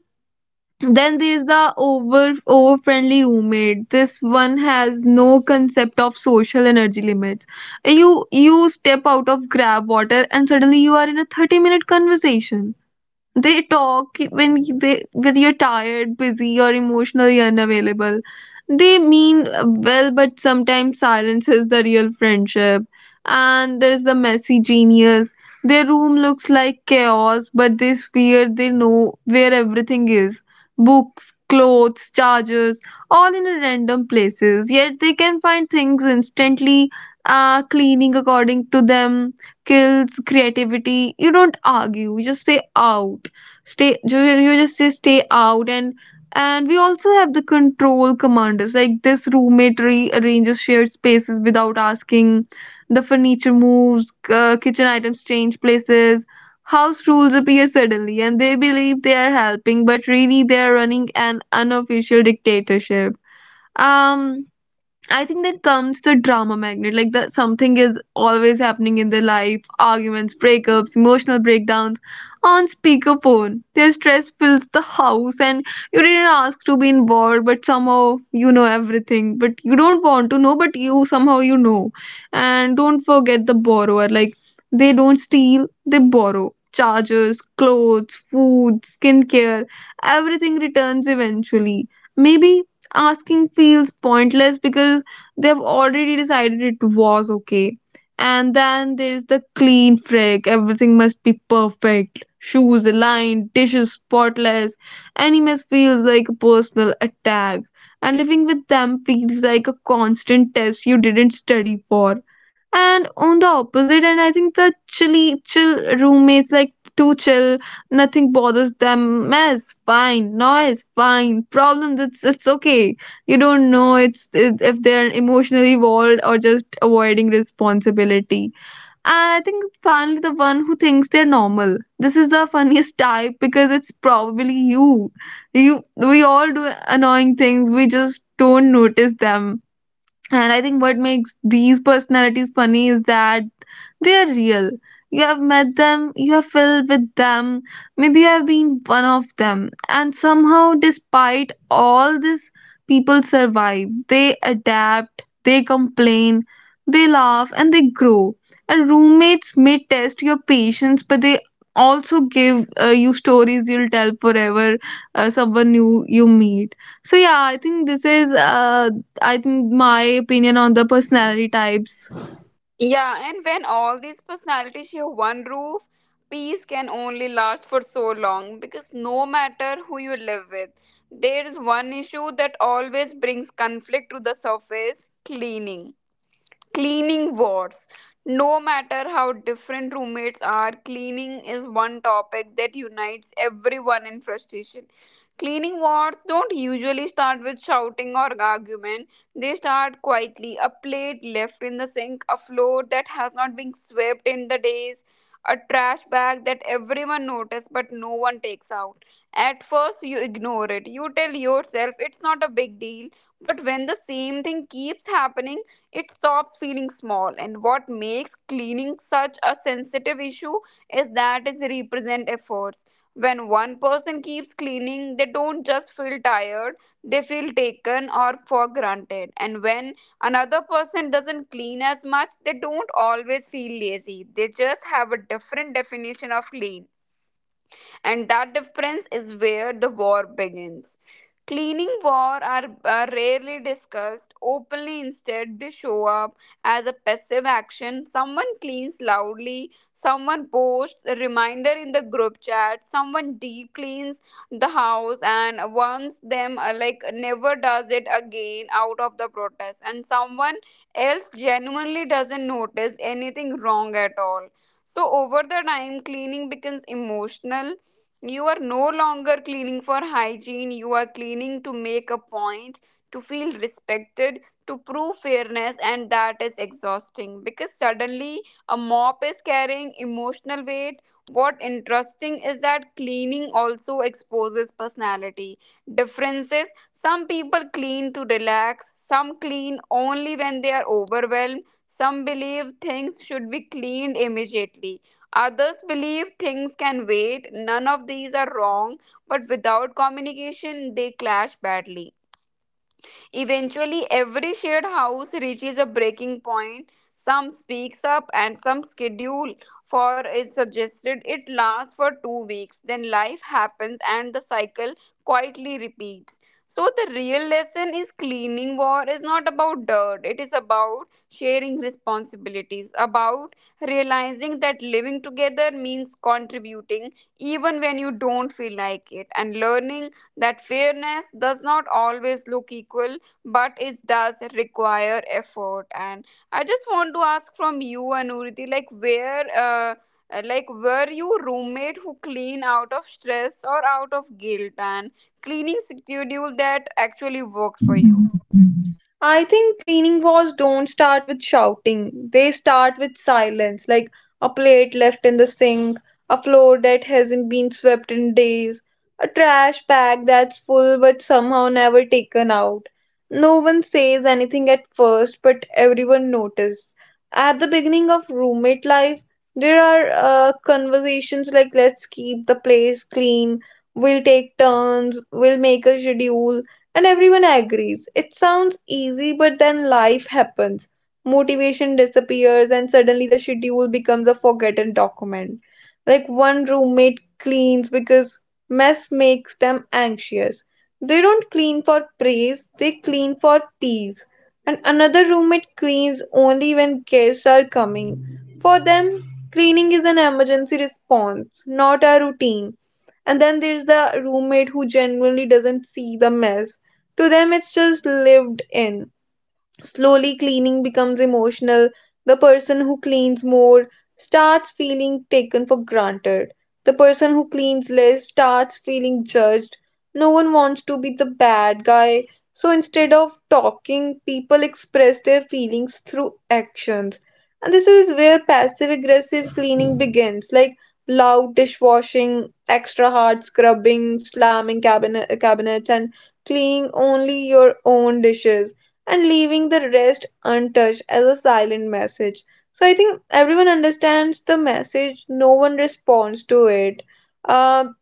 Speaker 2: then there's the over over friendly roommate. This one has no concept of social energy limits. You you step out of grab water and suddenly you are in a thirty minute conversation. They talk when they when you're tired, busy, or emotionally unavailable. They mean well, but sometimes silence is the real friendship. And there's the messy genius. Their room looks like chaos, but they swear they know where everything is. Books, clothes, chargers, all in random places. Yet they can find things instantly. Uh, cleaning, according to them, kills creativity. You don't argue, you just say out stay you, You just say stay out. and and we also have the control commanders, like this roommate rearranges shared spaces without asking. The furniture moves, uh, kitchen items change places, house rules appear suddenly, and they believe they are helping, but really they are running an unofficial dictatorship. um I think that comes the drama magnet. Like that something is always happening in their life. Arguments, breakups, emotional breakdowns on speakerphone. Their stress fills the house and you didn't ask to be involved, but somehow you know everything. But you don't want to know, but you somehow you know. And don't forget the borrower. Like they don't steal, they borrow. Chargers, clothes, food, skincare, everything returns eventually. Maybe asking feels pointless because they've already decided it was okay. And then there's the clean freak. Everything must be perfect. Shoes aligned, dishes spotless. Animals feels like a personal attack. And living with them feels like a constant test you didn't study for. And on the opposite, and I think the chilly chill roommates, like too chill, nothing bothers them. Mess fine, noise fine, problems it's it's okay. You don't know it's it, if they're emotionally involved or just avoiding responsibility. And I think finally the one who thinks they're normal, this is the funniest type, because it's probably you. You we all do annoying things, we just don't notice them. And I think what makes these personalities funny is that they are real. You have met them, you have filled with them, maybe you have been one of them. And somehow, despite all this, people survive. They adapt, they complain, they laugh, and they grow. And roommates may test your patience, but they also give uh, you stories you'll tell forever, uh, someone new you meet. so yeah i think this is uh, I think my opinion on the personality types.
Speaker 1: Yeah, and when all these personalities share one roof, peace can only last for so long, because no matter who you live with, there is one issue that always brings conflict to the surface: cleaning. Cleaning wars. No matter how different roommates are, cleaning is one topic that unites everyone in frustration. Cleaning wars don't usually start with shouting or argument. They start quietly. A plate left in the sink, a floor that has not been swept in the days, a trash bag that everyone notices but no one takes out. At first, you ignore it. You tell yourself it's not a big deal. But when the same thing keeps happening, it stops feeling small, and what makes cleaning such a sensitive issue is that it represents efforts. When one person keeps cleaning, they don't just feel tired, they feel taken or for granted. And when another person doesn't clean as much, they don't always feel lazy. They just have a different definition of clean. And that difference is where the war begins. Cleaning war are, are rarely discussed openly. Instead, they show up as a passive action. Someone cleans loudly, someone posts a reminder in the group chat, someone deep cleans the house and warns them uh, like never does it again out of the protest, and someone else genuinely doesn't notice anything wrong at all. So, over the time, cleaning becomes emotional. You are no longer cleaning for hygiene, you are cleaning to make a point, to feel respected, to prove fairness, and that is exhausting, because suddenly a mop is carrying emotional weight. What interesting is that cleaning also exposes personality differences. Some people clean to relax, some clean only when they are overwhelmed, some believe things should be cleaned immediately. Others believe things can wait. None of these are wrong, but without communication, they clash badly. Eventually, every shared house reaches a breaking point. Some speaks up and some schedule for is suggested. It lasts for two weeks. Then life happens and the cycle quietly repeats. So the real lesson is cleaning war is not about dirt. It is about sharing responsibilities, about realizing that living together means contributing even when you don't feel like it, and learning that fairness does not always look equal, but it does require effort. And I just want to ask from you, Anuriti, like, where uh, uh, like, were you roommate who clean out of stress or out of guilt, and cleaning schedule that actually worked for you?
Speaker 2: I think cleaning wars don't start with shouting. They start with silence, like a plate left in the sink, a floor that hasn't been swept in days, a trash bag that's full but somehow never taken out. No one says anything at first, but everyone notices. At the beginning of roommate life, there are uh, conversations like let's keep the place clean, we'll take turns, we'll make a schedule, and everyone agrees. It sounds easy, but then life happens. Motivation disappears, and suddenly the schedule becomes a forgotten document. Like one roommate cleans because mess makes them anxious. They don't clean for praise, they clean for peace. And another roommate cleans only when guests are coming. For them, cleaning is an emergency response, not a routine. And then there's the roommate who genuinely doesn't see the mess. To them, it's just lived in. Slowly, cleaning becomes emotional. The person who cleans more starts feeling taken for granted. The person who cleans less starts feeling judged. No one wants to be the bad guy. So instead of talking, people express their feelings through actions. And this is where passive aggressive cleaning begins, like loud dishwashing, extra hard scrubbing, slamming cabinet, cabinets, and cleaning only your own dishes and leaving the rest untouched as a silent message. So I think everyone understands the message, no one responds to it. Um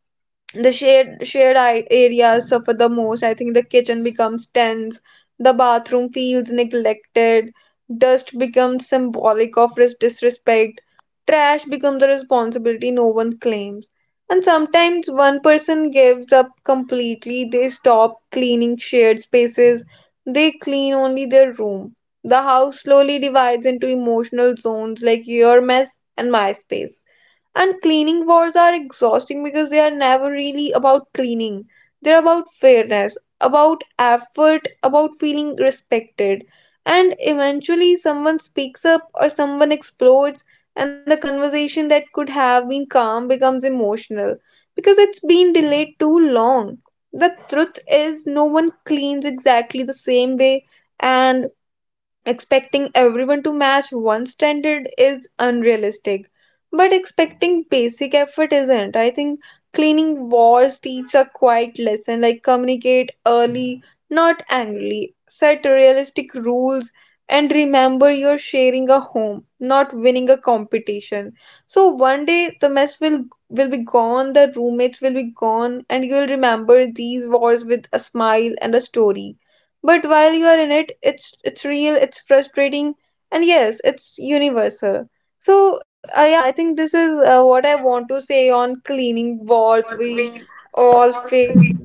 Speaker 2: the shared shared i- areas suffer the most. I think the kitchen becomes tense, the bathroom feels neglected, dust becomes symbolic of ris- disrespect, trash becomes a responsibility no one claims. And sometimes one person gives up completely. They stop cleaning shared spaces. They clean only their room. The house slowly divides into emotional zones, like your mess and my space. And cleaning wars are exhausting because they are never really about cleaning. They're about fairness, about effort, about feeling respected. And eventually, someone speaks up or someone explodes, and the conversation that could have been calm becomes emotional because it's been delayed too long. The truth is, no one cleans exactly the same way, and expecting everyone to match one standard is unrealistic, but expecting basic effort isn't. I think cleaning wars teach a quiet lesson, like communicate early, not angrily, set realistic rules, and remember you're sharing a home, not winning a competition. So one day the mess will will be gone, the roommates will be gone, and you'll remember these wars with a smile and a story. But while you are in it, it's it's real, it's frustrating, and yes, it's universal. So uh, yeah I think this is uh, what I want to say on cleaning wars
Speaker 1: Because
Speaker 2: we
Speaker 1: we,
Speaker 2: all face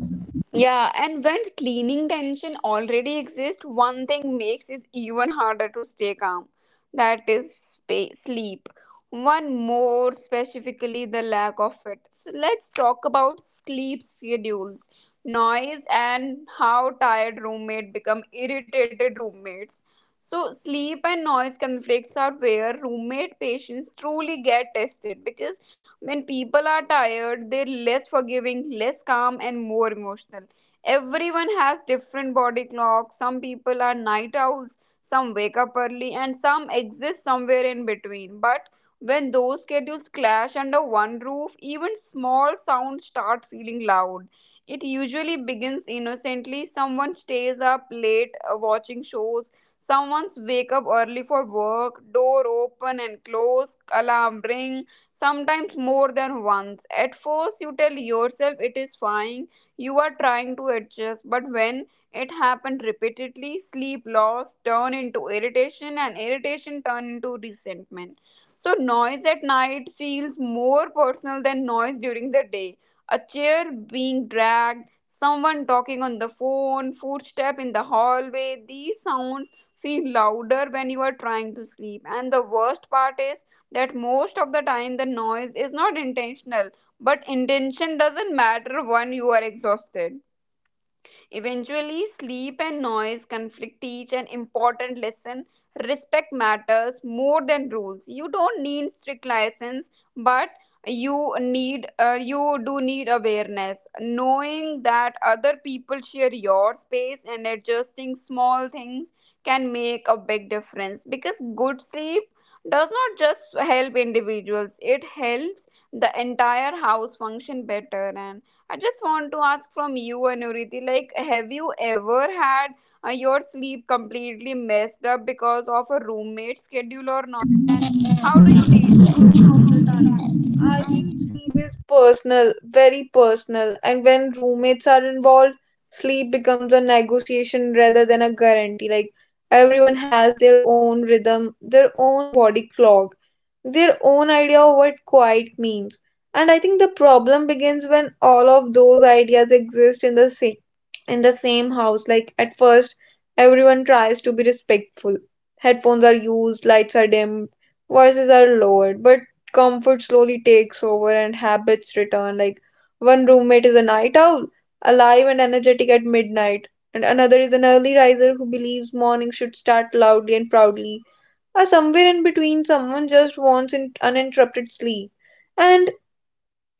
Speaker 1: yeah, and when cleaning tension already exists, one thing makes it even harder to stay calm. That is space, sleep. One more specifically, the lack of it. So let's talk about sleep schedules, noise, and how tired roommates become irritated roommates. So sleep and noise conflicts are where roommate patients truly get tested, because when people are tired, they're less forgiving, less calm, and more emotional. Everyone has different body clocks. Some people are night owls, some wake up early, and some exist somewhere in between. But when those schedules clash under one roof, even small sounds start feeling loud. It usually begins innocently. Someone stays up late uh, watching shows. Someone's wake up early for work, door open and close, alarm ring, sometimes more than once. At first, you tell yourself it is fine, you are trying to adjust, but when it happened repeatedly, sleep loss turned into irritation, and irritation turned into resentment. So, noise at night feels more personal than noise during the day. A chair being dragged, someone talking on the phone, footstep in the hallway, these sounds feel louder when you are trying to sleep. And the worst part is that most of the time the noise is not intentional. But intention doesn't matter when you are exhausted. Eventually, sleep and noise conflict teach an important lesson. Respect matters more than rules. You don't need strict license, but you need uh, you do need awareness, knowing that other people share your space and adjusting small things can make a big difference, because good sleep does not just help individuals, it helps the entire house function better. I just want to ask from you, Anuriti, like, have you ever had uh, your sleep completely messed up because of a roommate schedule or not? And how do you deal?
Speaker 2: most of the time. I think sleep is personal, very personal, and when roommates are involved, sleep becomes a negotiation rather than a guarantee. Like everyone has their own rhythm, their own body clock, their own idea of what quiet means. And I think the problem begins when all of those ideas exist in the same in the same house. Like at first, everyone tries to be respectful. Headphones are used, lights are dimmed, voices are lowered, but comfort slowly takes over and habits return. Like one roommate is a night owl, alive and energetic at midnight, and another is an early riser who believes morning should start loudly and proudly. Or somewhere in between, someone just wants in- uninterrupted sleep. And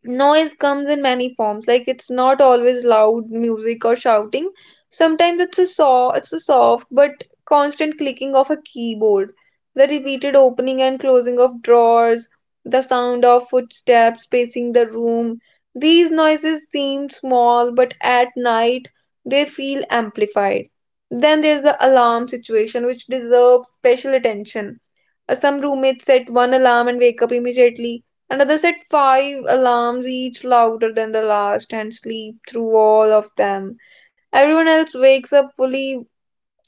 Speaker 2: Noise comes in many forms. Like it's not always loud music or shouting. Sometimes it's a saw, it's a soft but constant clicking of a keyboard, the repeated opening and closing of drawers, the sound of footsteps pacing the room. These noises seem small, but at night they feel amplified. Then there's the alarm situation, which deserves special attention. Uh, Some roommates set one alarm and wake up immediately. Another set five alarms, each louder than the last, and sleep through all of them. Everyone else wakes up fully,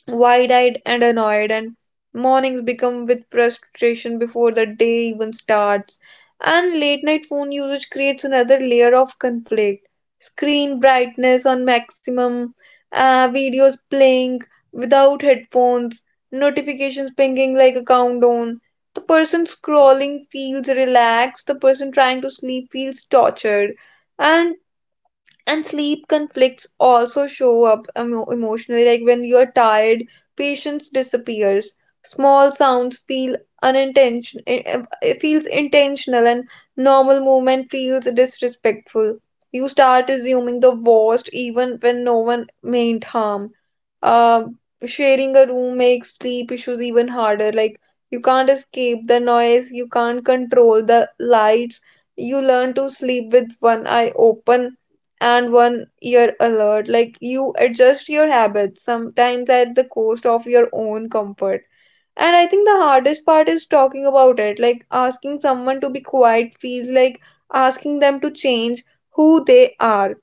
Speaker 2: wide eyed and annoyed, and mornings become with frustration before the day even starts. And late night phone usage creates another layer of conflict. Screen brightness on maximum, uh, videos playing without headphones, notifications pinging like a countdown. The person scrolling feels relaxed, the person trying to sleep feels tortured. And and sleep conflicts also show up emo emotionally, like when you're tired, patience disappears. Small sounds feel unintentional, it feels intentional, and normal movement feels disrespectful. You start assuming the worst even when no one meant harm. Uh, Sharing a room makes sleep issues even harder. Like, you can't escape the noise, you can't control the lights. You learn to sleep with one eye open and one ear alert. Like, you adjust your habits, sometimes at the cost of your own comfort. And I think the hardest part is talking about it. Like asking someone to be quiet feels like asking them to change who they are.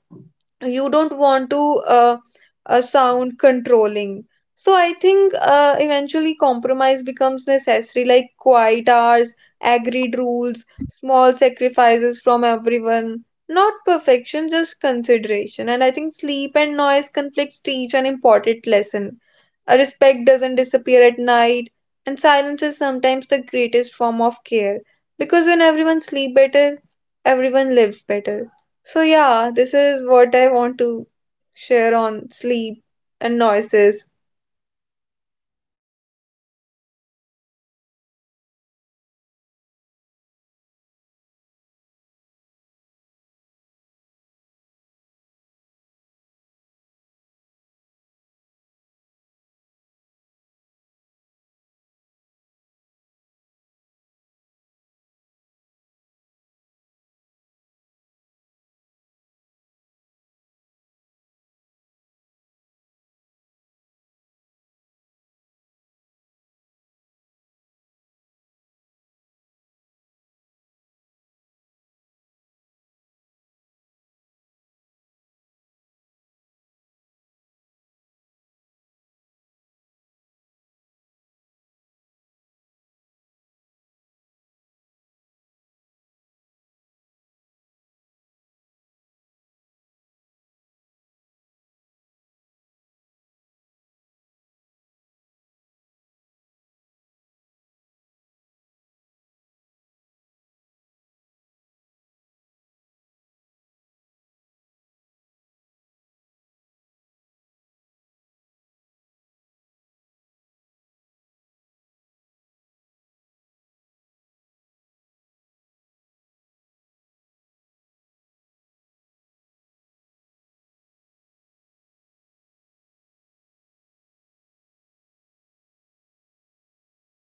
Speaker 2: You don't want to uh, uh, sound controlling. So I think uh, eventually compromise becomes necessary, like quiet hours, agreed rules, small sacrifices from everyone. Not perfection, just consideration. And I think sleep and noise
Speaker 1: Yeah, and
Speaker 2: conflicts teach
Speaker 1: at
Speaker 2: an
Speaker 1: the end
Speaker 2: important
Speaker 1: of the
Speaker 2: lesson.
Speaker 1: day,
Speaker 2: Uh,
Speaker 1: living with
Speaker 2: Respect doesn't
Speaker 1: roommate.
Speaker 2: disappear at night, and
Speaker 1: Yeah.
Speaker 2: silence is sometimes the greatest form of care, because when everyone sleep better, everyone lives better. So yeah, this is what I want to
Speaker 1: Yeah.
Speaker 2: share on
Speaker 1: And
Speaker 2: sleep
Speaker 1: at the
Speaker 2: and
Speaker 1: end of the
Speaker 2: noises.
Speaker 1: day, yeah, like like living with roommates is less about finding perfect people and more about learning how to deal with imperfection there and your own. It is noisy, messy, awkward, and sometimes exhausting, but it is also where you learn patience, communication, and how to adjust without losing yourself. Roommate teaches you how to sh- share space, emotions, and silence. They give you a story you will laugh about years later. The fight that didn't matter, the habit that drove you crazy, and the small moment that made the house feel like home. So, you may not remember every argument, but you all remember the late night conversation and shared meals and random laughter and the feeling of not being alone, and even it is hard, those experiences shape you in a quiet ways. So if you are currently living with roommates and struggling, breathe. You are not failing, you are just living a very normal chapter of adult life. One day this chaos will turn into memories. So, uh, thank you so much, you, for joining us today. And you have shared a lot of uh, funny and that experiencing with us. And thanks for all who are listening. Uh, wherever you are sharing space right now, you there be understanding, a little patient, and just enough humor to survive it all. So, uh, till then, uh, take care and bye bye.